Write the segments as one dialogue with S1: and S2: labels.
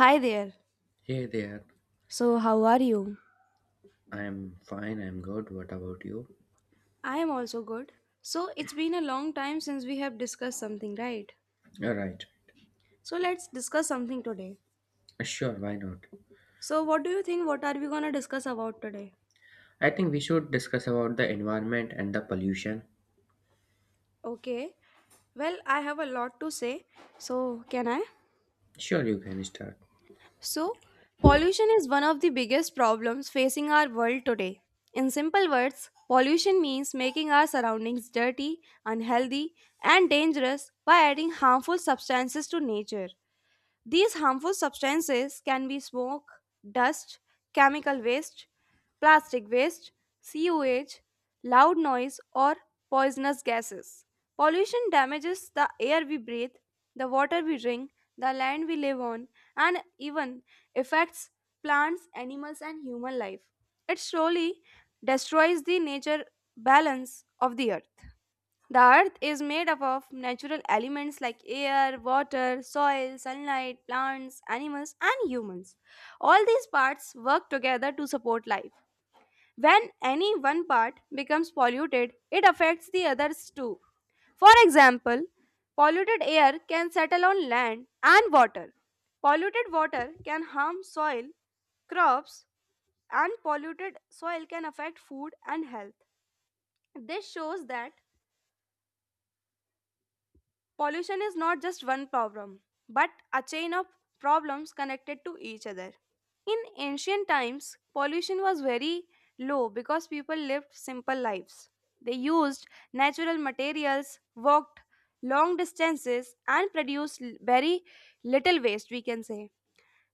S1: Hi there.
S2: Hey there,
S1: So, how are you?
S2: I'm fine, I'm good. What about you?
S1: I am also good. So, it's been a long time since we have discussed something, right?
S2: All right,
S1: So, let's discuss something today.
S2: sure, why not?
S1: So, what do you think? What are we gonna discuss about today?
S2: I think we should discuss about the environment and the pollution.
S1: Okay. Well, I have a lot to say. So, can I?
S2: Sure, you can start.
S1: So, pollution is one of the biggest problems facing our world today. In simple words, pollution means making our surroundings dirty, unhealthy, and dangerous by adding harmful substances to nature. These harmful substances can be smoke, dust, chemical waste, plastic waste, sewage, loud noise, or poisonous gases. Pollution damages the air we breathe, the water we drink, the land we live on, and even affects plants, animals, and human life. It slowly destroys the nature balance of the earth. The earth is made up of natural elements like air, water, soil, sunlight, plants, animals, and humans. All these parts work together to support life. When any one part becomes polluted, it affects the others too. For example, polluted air can settle on land and water. Polluted water can harm soil, crops, and polluted soil can affect food and health. This shows that pollution is not just one problem, but a chain of problems connected to each other. In ancient times, pollution was very low because people lived simple lives. They used natural materials, walked long distances, and produced very little waste, we can say.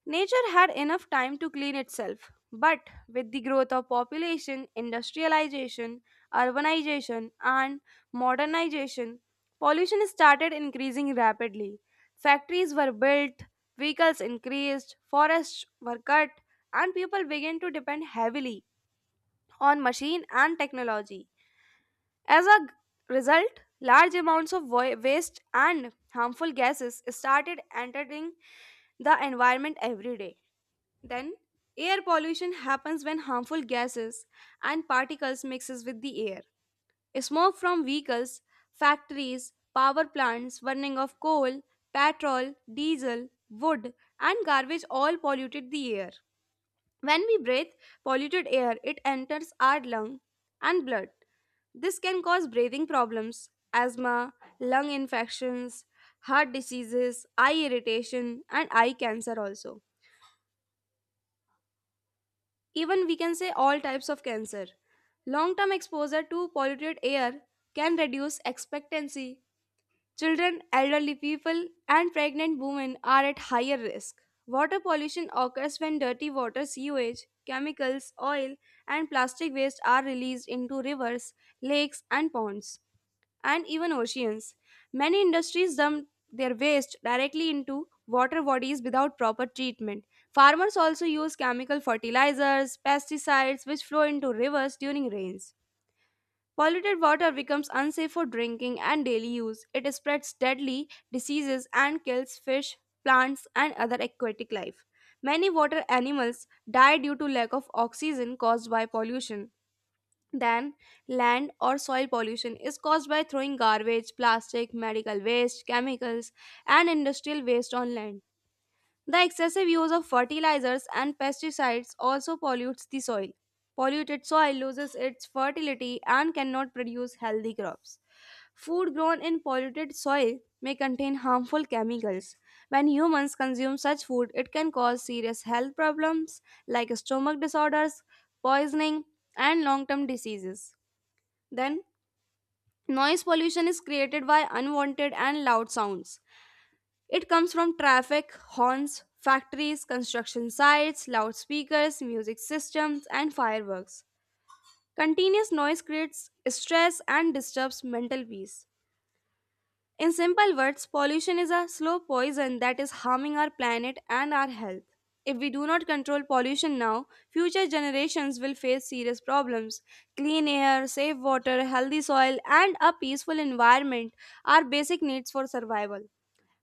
S1: Nature had enough time to clean itself, but with the growth of population, industrialization, urbanization, and modernization, pollution started increasing rapidly. Factories were built, vehicles increased, forests were cut, and people began to depend heavily on machine and technology. As a result, large amounts of waste and harmful gases started entering the environment every day. Then, air pollution happens when harmful gases and particles mixes with the air. Smoke from vehicles, factories, power plants, burning of coal, petrol, diesel, wood, and garbage all polluted the air. When we breathe polluted air, it enters our lung and blood. This can cause breathing problems, asthma, lung infections, heart diseases, eye irritation, and eye cancer also. Even we can say all types of cancer. Long term exposure to polluted air can reduce expectancy. Children, elderly people, and pregnant women are at higher risk. Water pollution occurs when dirty water, sewage, chemicals, oil, and plastic waste are released into rivers, lakes, and ponds and even oceans. Many industries dump their waste directly into water bodies without proper treatment. Farmers also use chemical fertilizers, pesticides, which flow into rivers during rains. Polluted water becomes unsafe for drinking and daily use. It spreads deadly diseases and kills fish, plants, and other aquatic life. Many water animals die due to lack of oxygen caused by pollution. Than land or soil pollution is caused by throwing garbage, plastic, medical waste, chemicals, and industrial waste on land. The excessive use of fertilizers and pesticides also pollutes the soil. Polluted soil loses its fertility and cannot produce healthy crops. Food grown in polluted soil may contain harmful chemicals. When humans consume such food, it can cause serious health problems like stomach disorders, poisoning, and long term diseases. Then, noise pollution is created by unwanted and loud sounds. It comes from traffic, horns, factories, construction sites, loudspeakers, music systems, and fireworks. Continuous noise creates stress and disturbs mental peace. In simple words, pollution is a slow poison that is harming our planet and our health. If we do not control pollution now, future generations will face serious problems. Clean air, safe water, healthy soil, and a peaceful environment are basic needs for survival.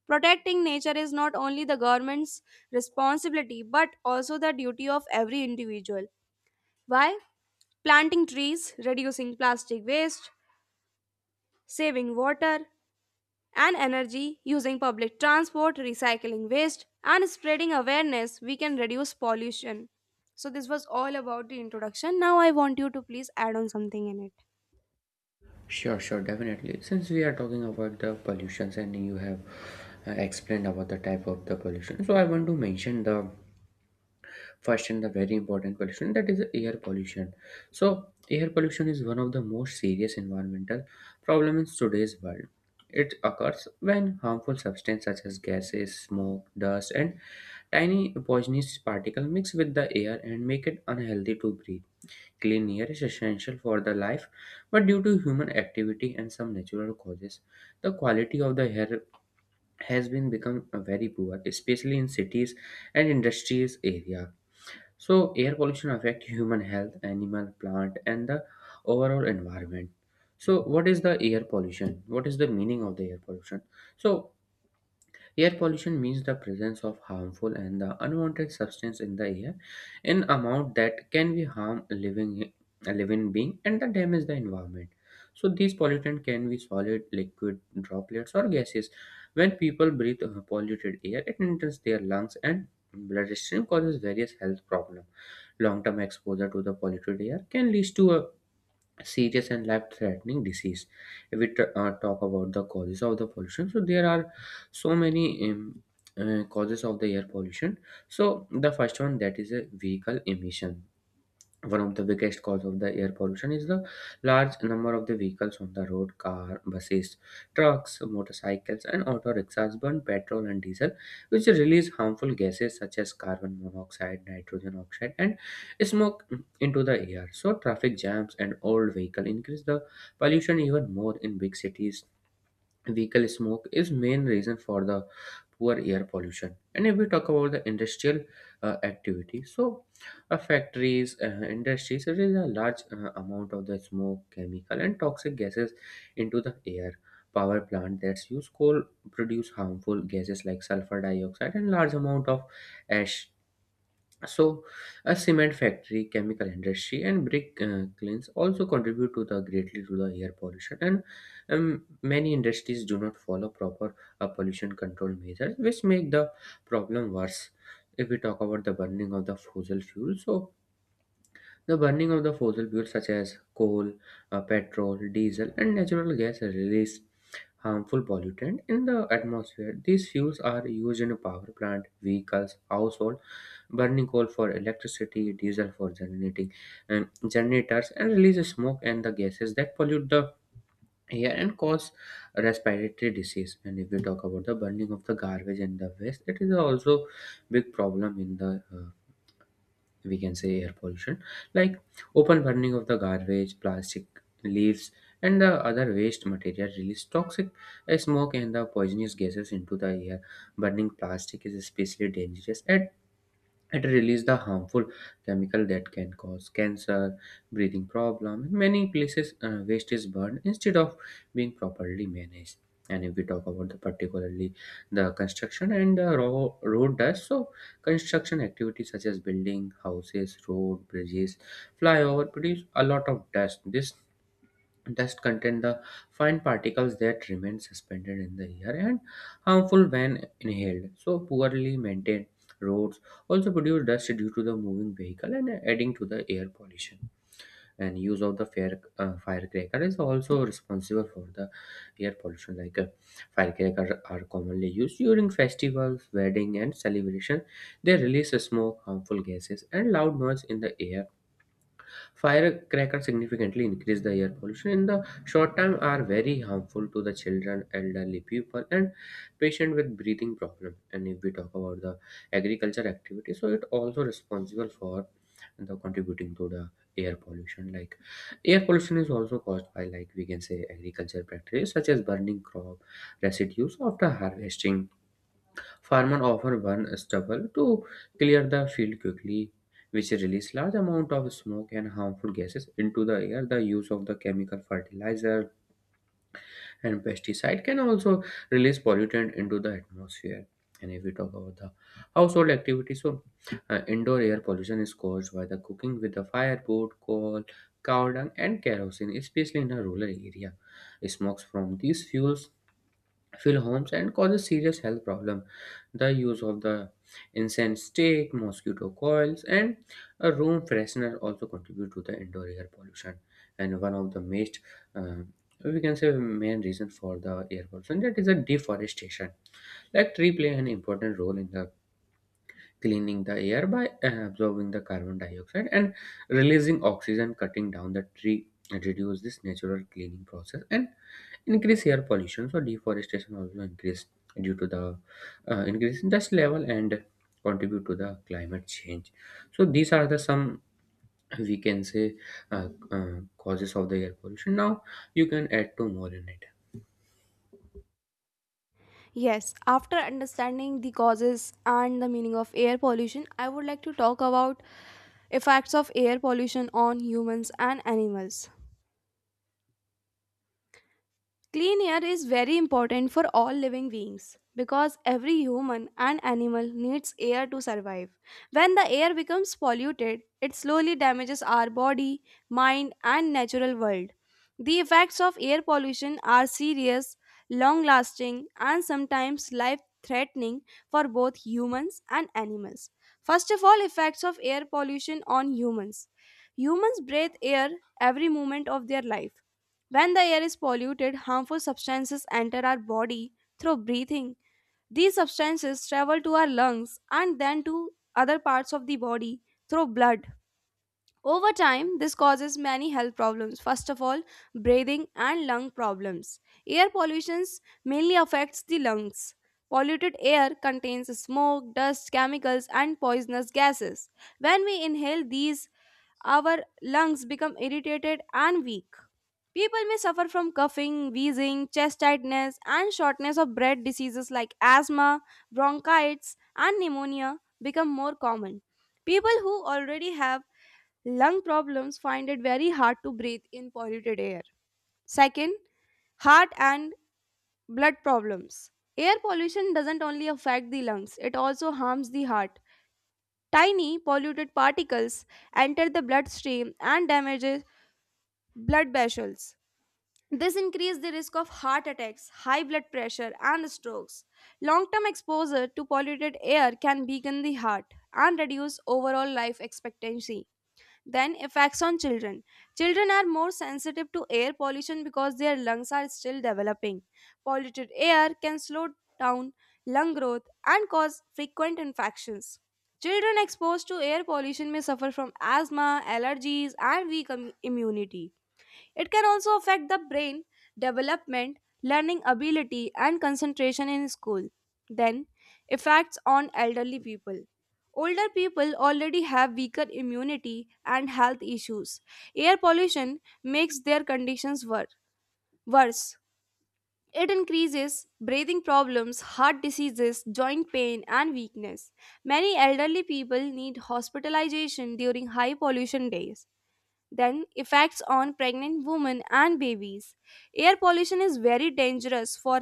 S1: Protecting nature is not only the government's responsibility but also the duty of every individual. Why? Planting trees, reducing plastic waste, saving water, and energy using public transport, recycling waste, and spreading awareness, we can reduce pollution. So, this was all about the introduction. Now, I want you to please add on something in it.
S2: Sure, sure, definitely. Since we are talking about the pollutions and you have explained about the type of the pollution, so I want to mention the first and the very important pollution, that is air pollution. So air pollution is one of the most serious environmental problem in today's world. It occurs when harmful substances such as gases, smoke, dust, and tiny poisonous particles mix with the air and make it unhealthy to breathe. Clean air is essential for the life, but due to human activity and some natural causes, the quality of the air has been become very poor, especially in cities and industries area. So air pollution affect human health, animal, plant, and the overall environment. So what is the air pollution? What is the meaning of the air pollution? So air pollution means the presence of harmful and the unwanted substance in the air in amount that can be harm a living being and the damage the environment. So these pollutant can be solid, liquid, droplets, or gases. When people breathe polluted air, it enters their lungs and bloodstream, causes various health problems. Long-term exposure to the polluted air can lead to a serious and life-threatening disease. If we talk about the causes of the pollution, so there are so many causes of the air pollution. So the first one, that is a vehicle emission. One of the biggest cause of the air pollution is the large number of the vehicles on the road. Car, buses, trucks, motorcycles, and auto rickshaws burn petrol and diesel, which release harmful gases such as carbon monoxide, nitrogen oxide, and smoke into the air. So traffic jams and old vehicle increase the pollution even more in big cities. Vehicle smoke is main reason for the poor air pollution. And if we talk about the industrial activity, so factories, industries, there is a large amount of the smoke, chemical, and toxic gases into the air. Power plant that's use coal produce harmful gases like sulfur dioxide and large amount of ash. So, a cement factory, chemical industry, and brick kilns also contribute to the greatly to the air pollution. And many industries do not follow proper pollution control measures, which make the problem worse. If we talk about the burning of the fossil fuel, so the burning of the fossil fuels such as coal, petrol, diesel, and natural gas release harmful pollutant in the atmosphere. These fuels are used in power plant, vehicles, household, burning coal for electricity, diesel for generating generators, and release smoke and the gases that pollute the air and cause respiratory disease. And if we talk about the burning of the garbage and the waste, it is also big problem in the, we can say, air pollution. Like open burning of the garbage, plastic, leaves, and the other waste material release toxic smoke and the poisonous gases into the air. Burning plastic is especially dangerous at it releases the harmful chemical that can cause cancer, breathing problem. In many places, waste is burned instead of being properly managed. And if we talk about the particularly the construction and the road dust, so construction activities such as building houses, road, bridges, flyover produce a lot of dust. This dust contain the fine particles that remain suspended in the air and harmful when inhaled. So, poorly maintained roads also produce dust due to the moving vehicle and adding to the air pollution. And use of the fire, firecracker is also responsible for the air pollution. Like firecrackers are commonly used during festivals, wedding, and celebration. They release smoke, harmful gases, and loud noise in the air. Firecrackers significantly increase the air pollution in the short time are very harmful to the children, elderly people, and patient with breathing problem. And if we talk about the agriculture activity, so it also responsible for the contributing to the air pollution. Like air pollution is also caused by, like we can say, agriculture practices such as burning crop residues after harvesting. Farmers often burn stubble to clear the field quickly, which release large amount of smoke and harmful gases into the air. The use of the chemical fertilizer and pesticide can also release pollutant into the atmosphere. And if we talk about the household activities, so indoor air pollution is caused by the cooking with the firewood, coal, cow dung, and kerosene, especially in a rural area. Smokes from these fuels fill homes and causes serious health problem. The use of the incense stick, mosquito coils, and a room freshener also contribute to the indoor air pollution. And one of the most, uh, we can say, main reason for the air pollution, that is a deforestation. Like tree play an important role in the cleaning the air by absorbing the carbon dioxide and releasing oxygen. Cutting down the tree and reduce this natural cleaning process and increase air pollution. So deforestation also increase due to the increase in dust level and contribute to the climate change. So these are the some, we can say, causes of the air pollution. Now you can add two more in it.
S1: Yes, after understanding the causes and the meaning of air pollution, I would like to talk about effects of air pollution on humans and animals. Clean air is very important for all living beings because every human and animal needs air to survive. When the air becomes polluted, it slowly damages our body, mind, and natural world. The effects of air pollution are serious, long lasting, and sometimes life threatening for both humans and animals. First of all, effects of air pollution on humans. Humans breathe air every moment of their life. When the air is polluted, harmful substances enter our body through breathing. These substances travel to our lungs and then to other parts of the body through blood. Over time, this causes many health problems. First of all, breathing and lung problems. Air pollution mainly affects the lungs. Polluted air contains smoke, dust, chemicals, and poisonous gases. When we inhale these, our lungs become irritated and weak. People may suffer from coughing, wheezing, chest tightness, and shortness of breath. Diseases like asthma, bronchitis, and pneumonia become more common. People who already have lung problems find it very hard to breathe in polluted air. Second, heart and blood problems. Air pollution doesn't only affect the lungs, it also harms the heart. Tiny polluted particles enter the bloodstream and damages blood vessels. This increases the risk of heart attacks, high blood pressure, and strokes. Long term exposure to polluted air can weaken the heart and reduce overall life expectancy. Then, effects on children. Children are more sensitive to air pollution because their lungs are still developing. Polluted air can slow down lung growth and cause frequent infections. Children exposed to air pollution may suffer from asthma, allergies, and weak immunity. It can also affect the brain development, learning ability, and concentration in school. Then, effects on elderly people. Older people already have weaker immunity and health issues. Air pollution makes their conditions worse. It increases breathing problems, heart diseases, joint pain, and weakness. Many elderly people need hospitalization during high pollution days. Then, effects on pregnant women and babies. Air pollution is very dangerous for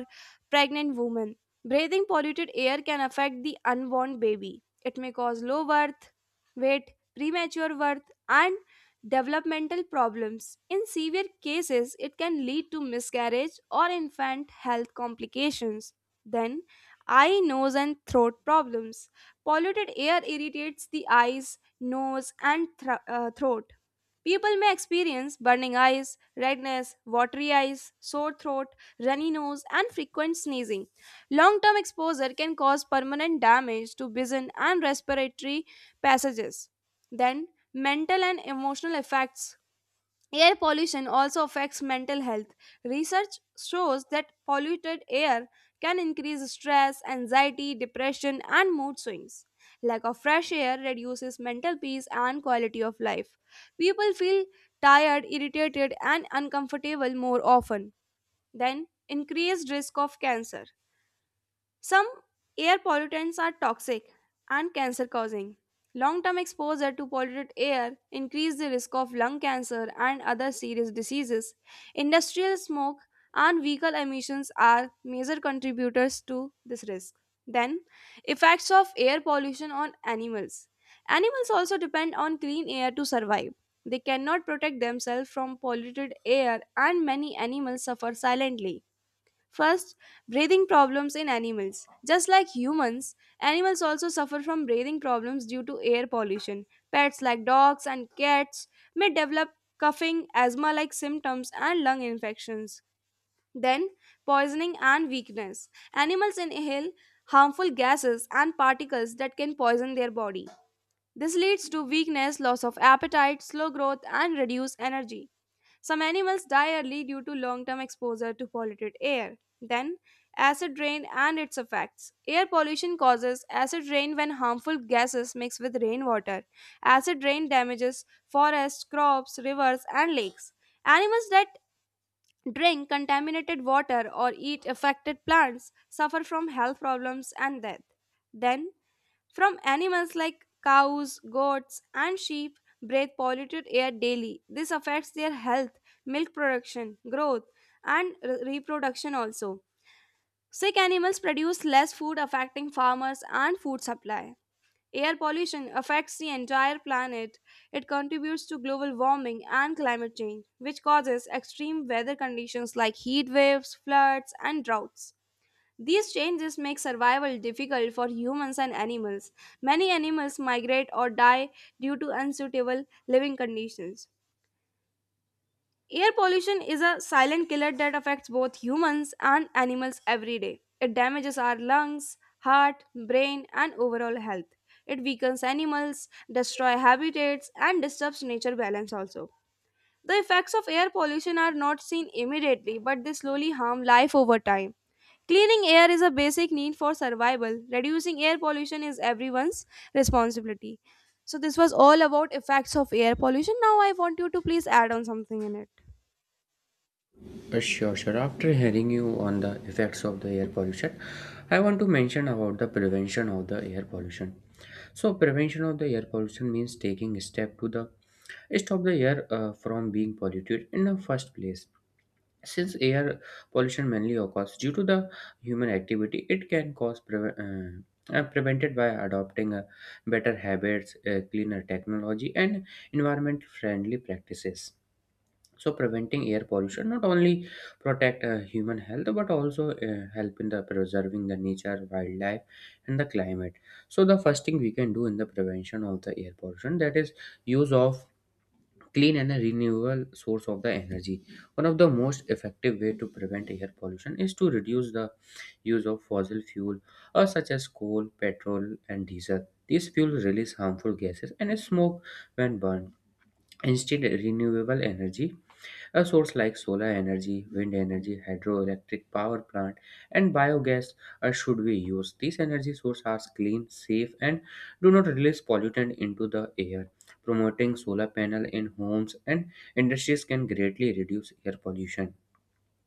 S1: pregnant women. Breathing polluted air can affect the unborn baby. It may cause low birth, weight, premature birth, and developmental problems. In severe cases, it can lead to miscarriage or infant health complications. Then, eye, nose, and throat problems. Polluted air irritates the eyes, nose, and throat. People may experience burning eyes, redness, watery eyes, sore throat, runny nose, and frequent sneezing. Long term exposure can cause permanent damage to vision and respiratory passages. Then, mental and emotional effects. Air pollution also affects mental health. Research shows that polluted air can increase stress, anxiety, depression, and mood swings. Lack of fresh air reduces mental peace and quality of life. People feel tired, irritated, and uncomfortable more often. Then, increased risk of cancer. Some air pollutants are toxic and cancer causing. Long term exposure to polluted air increase the risk of lung cancer and other serious diseases. Industrial smoke and vehicle emissions are major contributors to this risk. Then, effects of air pollution on animals. Animals also depend on clean air to survive. They cannot protect themselves from polluted air, and many animals suffer silently. First, breathing problems in animals. Just like humans, animals also suffer from breathing problems due to air pollution. Pets like dogs and cats may develop coughing, asthma like symptoms, and lung infections. Then, poisoning and weakness. Animals inhale harmful gases and particles that can poison their body. This leads to weakness, loss of appetite, slow growth, and reduced energy. Some animals die early due to long term exposure to polluted air. Then, acid rain and its effects. Air pollution causes acid rain when harmful gases mix with rainwater. Acid rain damages forests, crops, rivers, and lakes. Animals that drink contaminated water or eat affected plants suffer from health problems and death. Then, from animals like cows, goats, and sheep breathe polluted air daily. This affects their health, milk production, growth, and reproduction also. Sick animals produce less food, affecting farmers and food supply. Air pollution affects the entire planet. It contributes to global warming and climate change, which causes extreme weather conditions like heat waves, floods, and droughts. These changes make survival difficult for humans and animals. Many animals migrate or die due to unsuitable living conditions. Air pollution is a silent killer that affects both humans and animals every day. It damages our lungs, heart, brain, and overall health. It weakens animals, destroys habitats, and disturbs nature balance also. The effects of air pollution are not seen immediately, but they slowly harm life over time. Cleaning air is a basic need for survival. Reducing air pollution is everyone's responsibility. So, this was all about effects of air pollution. Now, I want you to please add on something in it.
S2: Sure, sure. After hearing you on the effects of the air pollution, I want to mention about the prevention of the air pollution. So, prevention of the air pollution means taking step to the stop the air from being polluted in the first place. Since air pollution mainly occurs due to the human activity, it can cause prevented by adopting better habits, cleaner technology, and environment friendly practices. So preventing air pollution not only protect human health but also help in the preserving the nature, wildlife, and the climate. So the first thing we can do in the prevention of the air pollution, that is use of clean and renewable source of the energy. One of the most effective way to prevent air pollution is to reduce the use of fossil fuel such as coal, petrol, and diesel. These fuels release harmful gases and smoke when burned. Instead, renewable energy a source like solar energy, wind energy, hydroelectric power plant, and biogas should be used. These energy sources are clean, safe, and do not release pollutant into the air. Promoting solar panel in homes and industries can greatly reduce air pollution.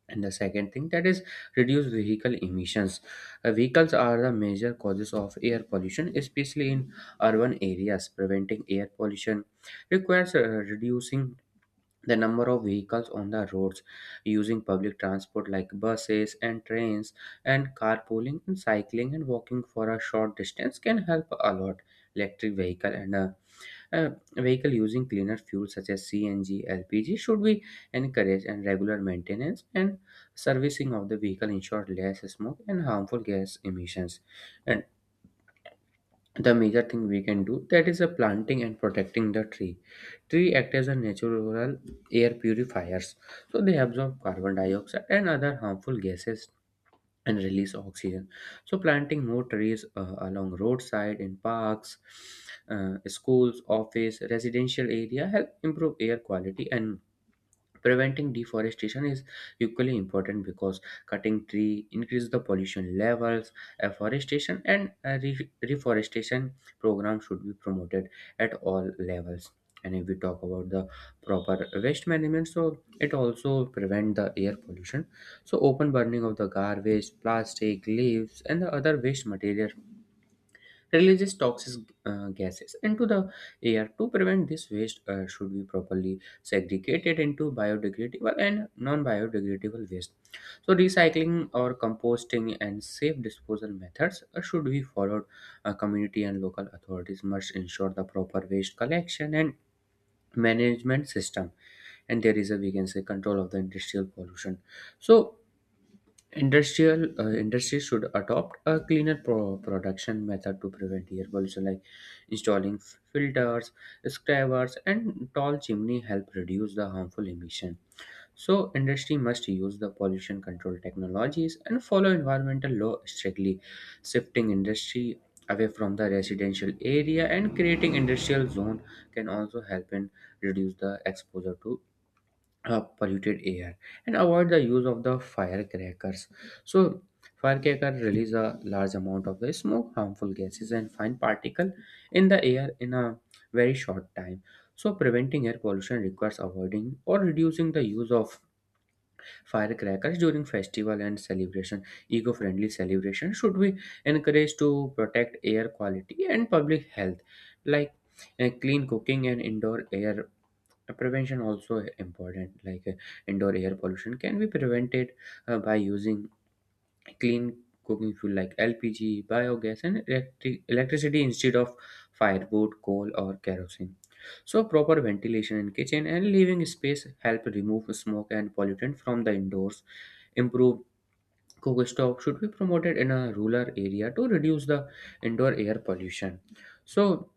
S2: And the second thing, that is reduce vehicle emissions. Vehicles are the major causes of air pollution, especially in urban areas. Preventing air pollution requires reducing the number of vehicles on the roads, using public transport like buses and trains, and carpooling and cycling and walking for a short distance can help a lot. Electric vehicle and a vehicle using cleaner fuel such as CNG, LPG should be encouraged, and regular maintenance and servicing of the vehicle ensure less smoke and harmful gas emissions. And the major thing we can do, that is a planting and protecting the tree. Tree act as a natural air purifiers. So they absorb carbon dioxide and other harmful gases and release oxygen. So planting more trees along roadside, in parks, schools, office, residential area help improve air quality. And preventing deforestation is equally important because cutting tree increase the pollution levels. Afforestation and reforestation program should be promoted at all levels. And if we talk about the proper waste management, so it also prevent the air pollution. So open burning of the garbage, plastic, leaves, and the other waste material releases toxic gases into the air. To prevent this, waste should be properly segregated into biodegradable and non-biodegradable waste. So, recycling or composting and safe disposal methods should be followed. Community and local authorities must ensure the proper waste collection and management system, and there is a, we can say, control of the industrial pollution. So industrial industry should adopt a cleaner production method to prevent air pollution, like installing filters, scrubbers, and tall chimney help reduce the harmful emission. So industry must use the pollution control technologies and follow environmental law strictly. Shifting industry away from the residential area and creating industrial zone can also help in reduce the exposure to polluted air. And avoid the use of the firecrackers. So firecracker release a large amount of the smoke, harmful gases, and fine particle in the air in a very short time. So preventing air pollution requires avoiding or reducing the use of firecrackers during festival and celebration. Eco-friendly celebration should be encouraged to protect air quality and public health. Like, clean cooking and indoor air prevention also important. Like, indoor air pollution can be prevented by using clean cooking fuel like LPG, biogas, and electricity instead of firewood, coal, or kerosene. So proper ventilation in kitchen and living space help remove smoke and pollutant from the indoors. Improve cook stove should be promoted in a rural area to reduce the indoor air pollution. So,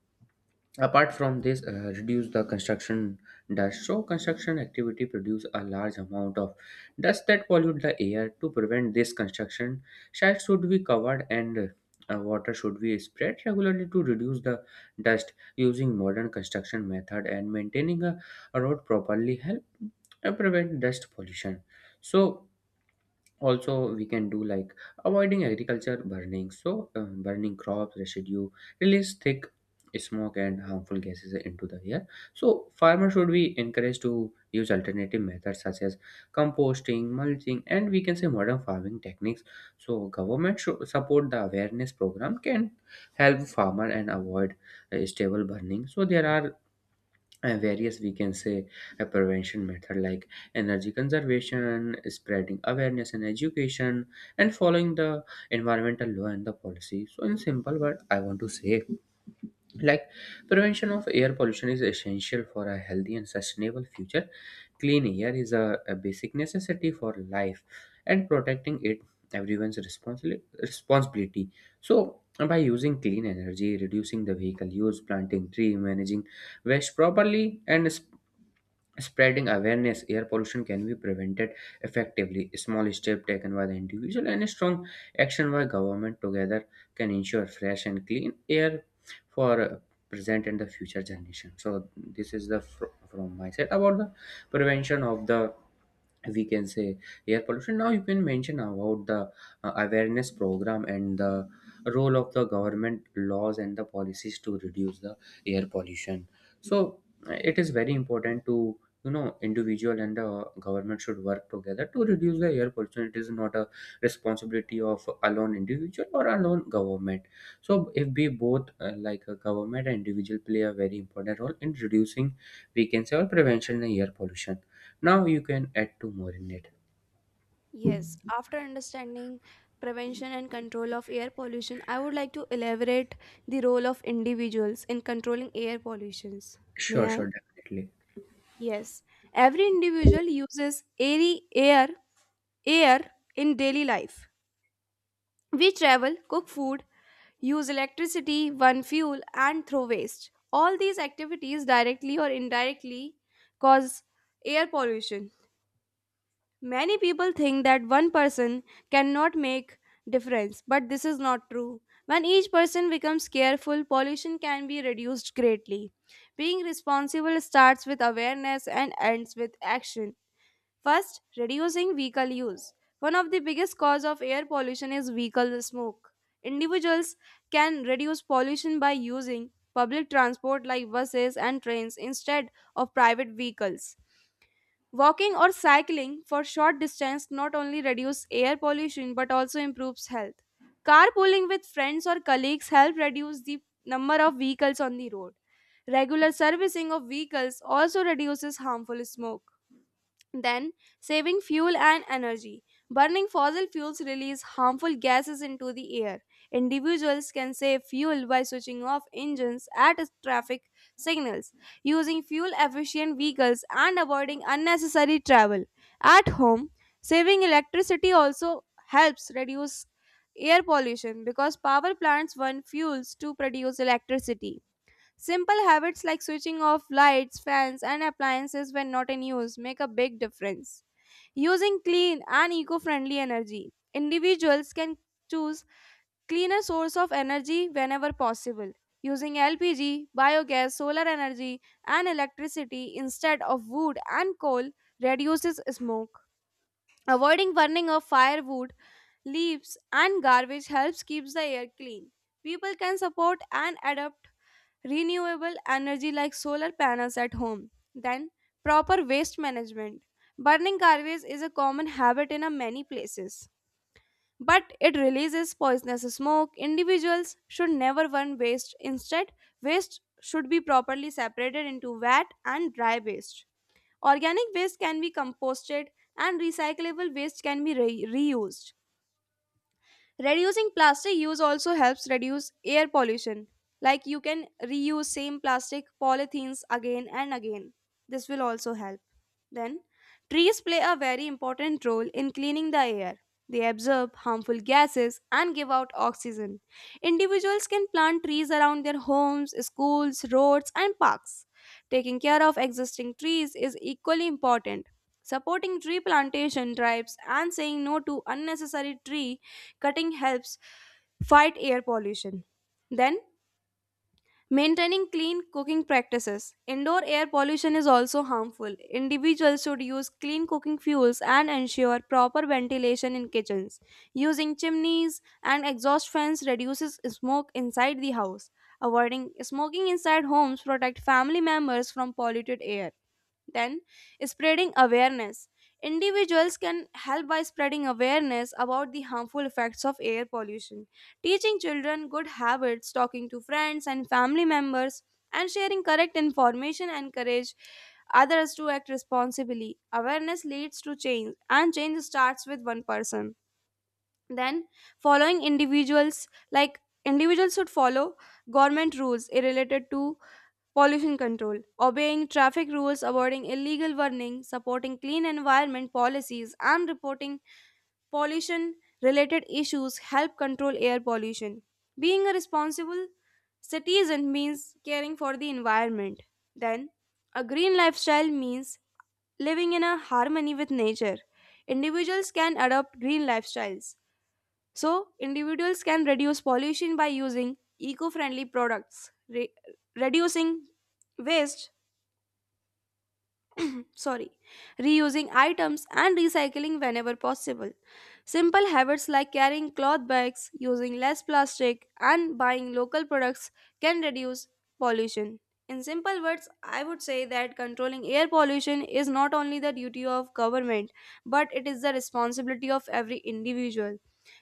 S2: apart from this, reduce the construction dust. So, construction activity produce a large amount of dust that pollute the air. To prevent this construction, sites should be covered and water should be spread regularly to reduce the dust. Using modern construction method and maintaining a road properly help prevent dust pollution. So, also we can do like avoiding agriculture burning. So burning crops residue release thick smoke and harmful gases into the air. So farmers should be encouraged to use alternative methods such as composting, mulching, and, we can say, modern farming techniques. So government should support the awareness program, can help farmer and avoid stable burning. So there are various, we can say, a prevention method like energy conservation, spreading awareness and education, and following the environmental law and the policy. So, in simple word, I want to say, like, prevention of air pollution is essential for a healthy and sustainable future. Clean air is a basic necessity for life, and protecting it everyone's responsibility. So by using clean energy, reducing the vehicle use, planting tree, managing waste properly, and spreading awareness, air pollution can be prevented effectively. A small step taken by the individual and a strong action by government together can ensure fresh and clean air for present and the future generation. So this is the from my side about the prevention of the, we can say, air pollution. Now you can mention about the awareness program and the role of the government laws and the policies to reduce the air pollution. So it is very important to, you know, individual and the government should work together to reduce the air pollution. It is not a responsibility of alone individual or alone government. So if we both like a government and individual play a very important role in reducing, we can say, or prevention in air pollution. Now you can add two more in it.
S1: Yes, after understanding prevention and control of air pollution, I would like to elaborate the role of individuals in controlling air pollutions.
S2: Sure,
S1: May I?
S2: sure, definitely.
S1: Yes. Every individual uses air in daily life. We travel, cook food, use electricity, burn fuel, and throw waste. All these activities directly or indirectly cause air pollution. Many people think that one person cannot make difference, but this is not true. When each person becomes careful, pollution can be reduced greatly. Being responsible starts with awareness and ends with action. First, reducing vehicle use. One of the biggest cause of air pollution is vehicle smoke. Individuals can reduce pollution by using public transport like buses and trains instead of private vehicles. Walking or cycling for short distance not only reduces air pollution but also improves health. Carpooling with friends or colleagues help reduce the number of vehicles on the road. Regular servicing of vehicles also reduces harmful smoke. Then, saving fuel and energy. Burning fossil fuels release harmful gases into the air. Individuals can save fuel by switching off engines at traffic signals, using fuel efficient vehicles, and avoiding unnecessary travel. At home, saving electricity also helps reduce air pollution because power plants burn fuels to produce electricity. Simple habits like switching off lights, fans, and appliances when not in use make a big difference. Using clean and eco friendly energy, individuals can choose cleaner source of energy whenever possible. Using LPG, biogas, solar energy, and electricity instead of wood and coal reduces smoke. Avoiding burning of firewood, leaves, and garbage helps keeps the air clean. People can support and adapt renewable energy like solar panels at home. Then, proper waste management. Burning garbage is a common habit in a many places, but it releases poisonous smoke. Individuals should never burn waste. Instead, waste should be properly separated into wet and dry waste. Organic waste can be composted and recyclable waste can be reused. Reducing plastic use also helps reduce air pollution. Like you can reuse same plastic polythenes again and again. This will also help. Then, trees play a very important role in cleaning the air. They absorb harmful gases and give out oxygen. Individuals can plant trees around their homes, schools, roads, and parks. Taking care of existing trees is equally important. Supporting tree plantation drives and saying no to unnecessary tree cutting helps fight air pollution. Then, maintaining clean cooking practices. Indoor air pollution is also harmful. Individuals should use clean cooking fuels and ensure proper ventilation in kitchens. Using chimneys and exhaust fans reduces smoke inside the house. Avoiding smoking inside homes protect family members from polluted air. Then, spreading awareness. Individuals can help by spreading awareness about the harmful effects of air pollution, teaching children good habits, talking to friends and family members, and sharing correct information encourage others to act responsibly. Awareness leads to change, and change starts with one person. Then, following individuals like individuals should follow government rules related to pollution control, obeying traffic rules, avoiding illegal burning, supporting clean environment policies, and reporting pollution related issues help control air pollution. Being a responsible citizen means caring for the environment. Then, a green lifestyle means living in a harmony with nature. Individuals can adopt green lifestyles. So, individuals can reduce pollution by using eco-friendly products, re- reducing waste sorry, reusing items and recycling whenever possible. Simple habits like carrying cloth bags, using less plastic, and buying local products can reduce pollution. In simple words, I would say that controlling air pollution is not only the duty of government, but it is the responsibility of every individual.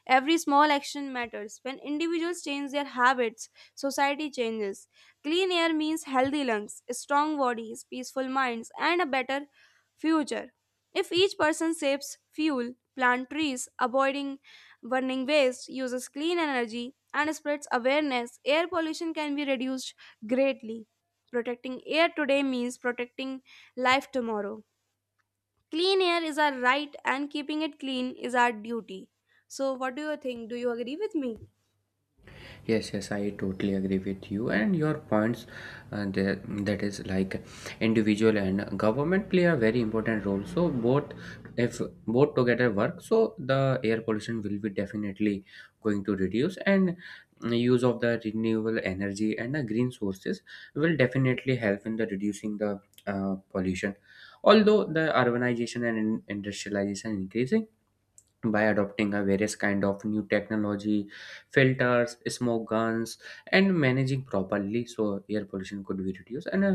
S1: Every small action matters. When individuals change their habits, society changes. Clean air means healthy lungs, strong bodies, peaceful minds, and a better future. If each person saves fuel, plants trees, avoiding burning waste, uses clean energy, and spreads awareness, air pollution can be reduced greatly. Protecting air today means protecting life tomorrow. Clean air is our right, and keeping it clean is our duty. So, what do you think? Do you agree with me?
S2: Yes, yes, I totally agree with you and your points. There, that is like individual and government play a very important role. So both, if both together work, so the air pollution will be definitely going to reduce, and use of the renewable energy and the green sources will definitely help in the reducing the pollution. Although the urbanization and industrialization increasing, by adopting a various kind of new technology, filters, smoke guns, and managing properly, so air pollution could be reduced. And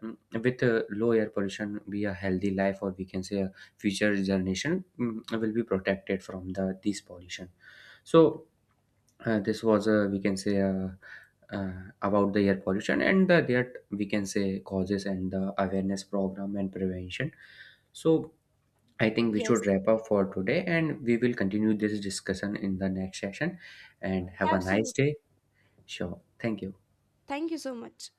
S2: mm, with low air pollution be a healthy life, or we can say a future generation will be protected from the this pollution. So this was, we can say, about the air pollution and the, that we can say, causes and the awareness program and prevention. So I think we should
S1: Yes.
S2: wrap up for today, and we will continue this discussion in the next session. And have a nice day. Sure. Thank you.
S1: Thank you so much.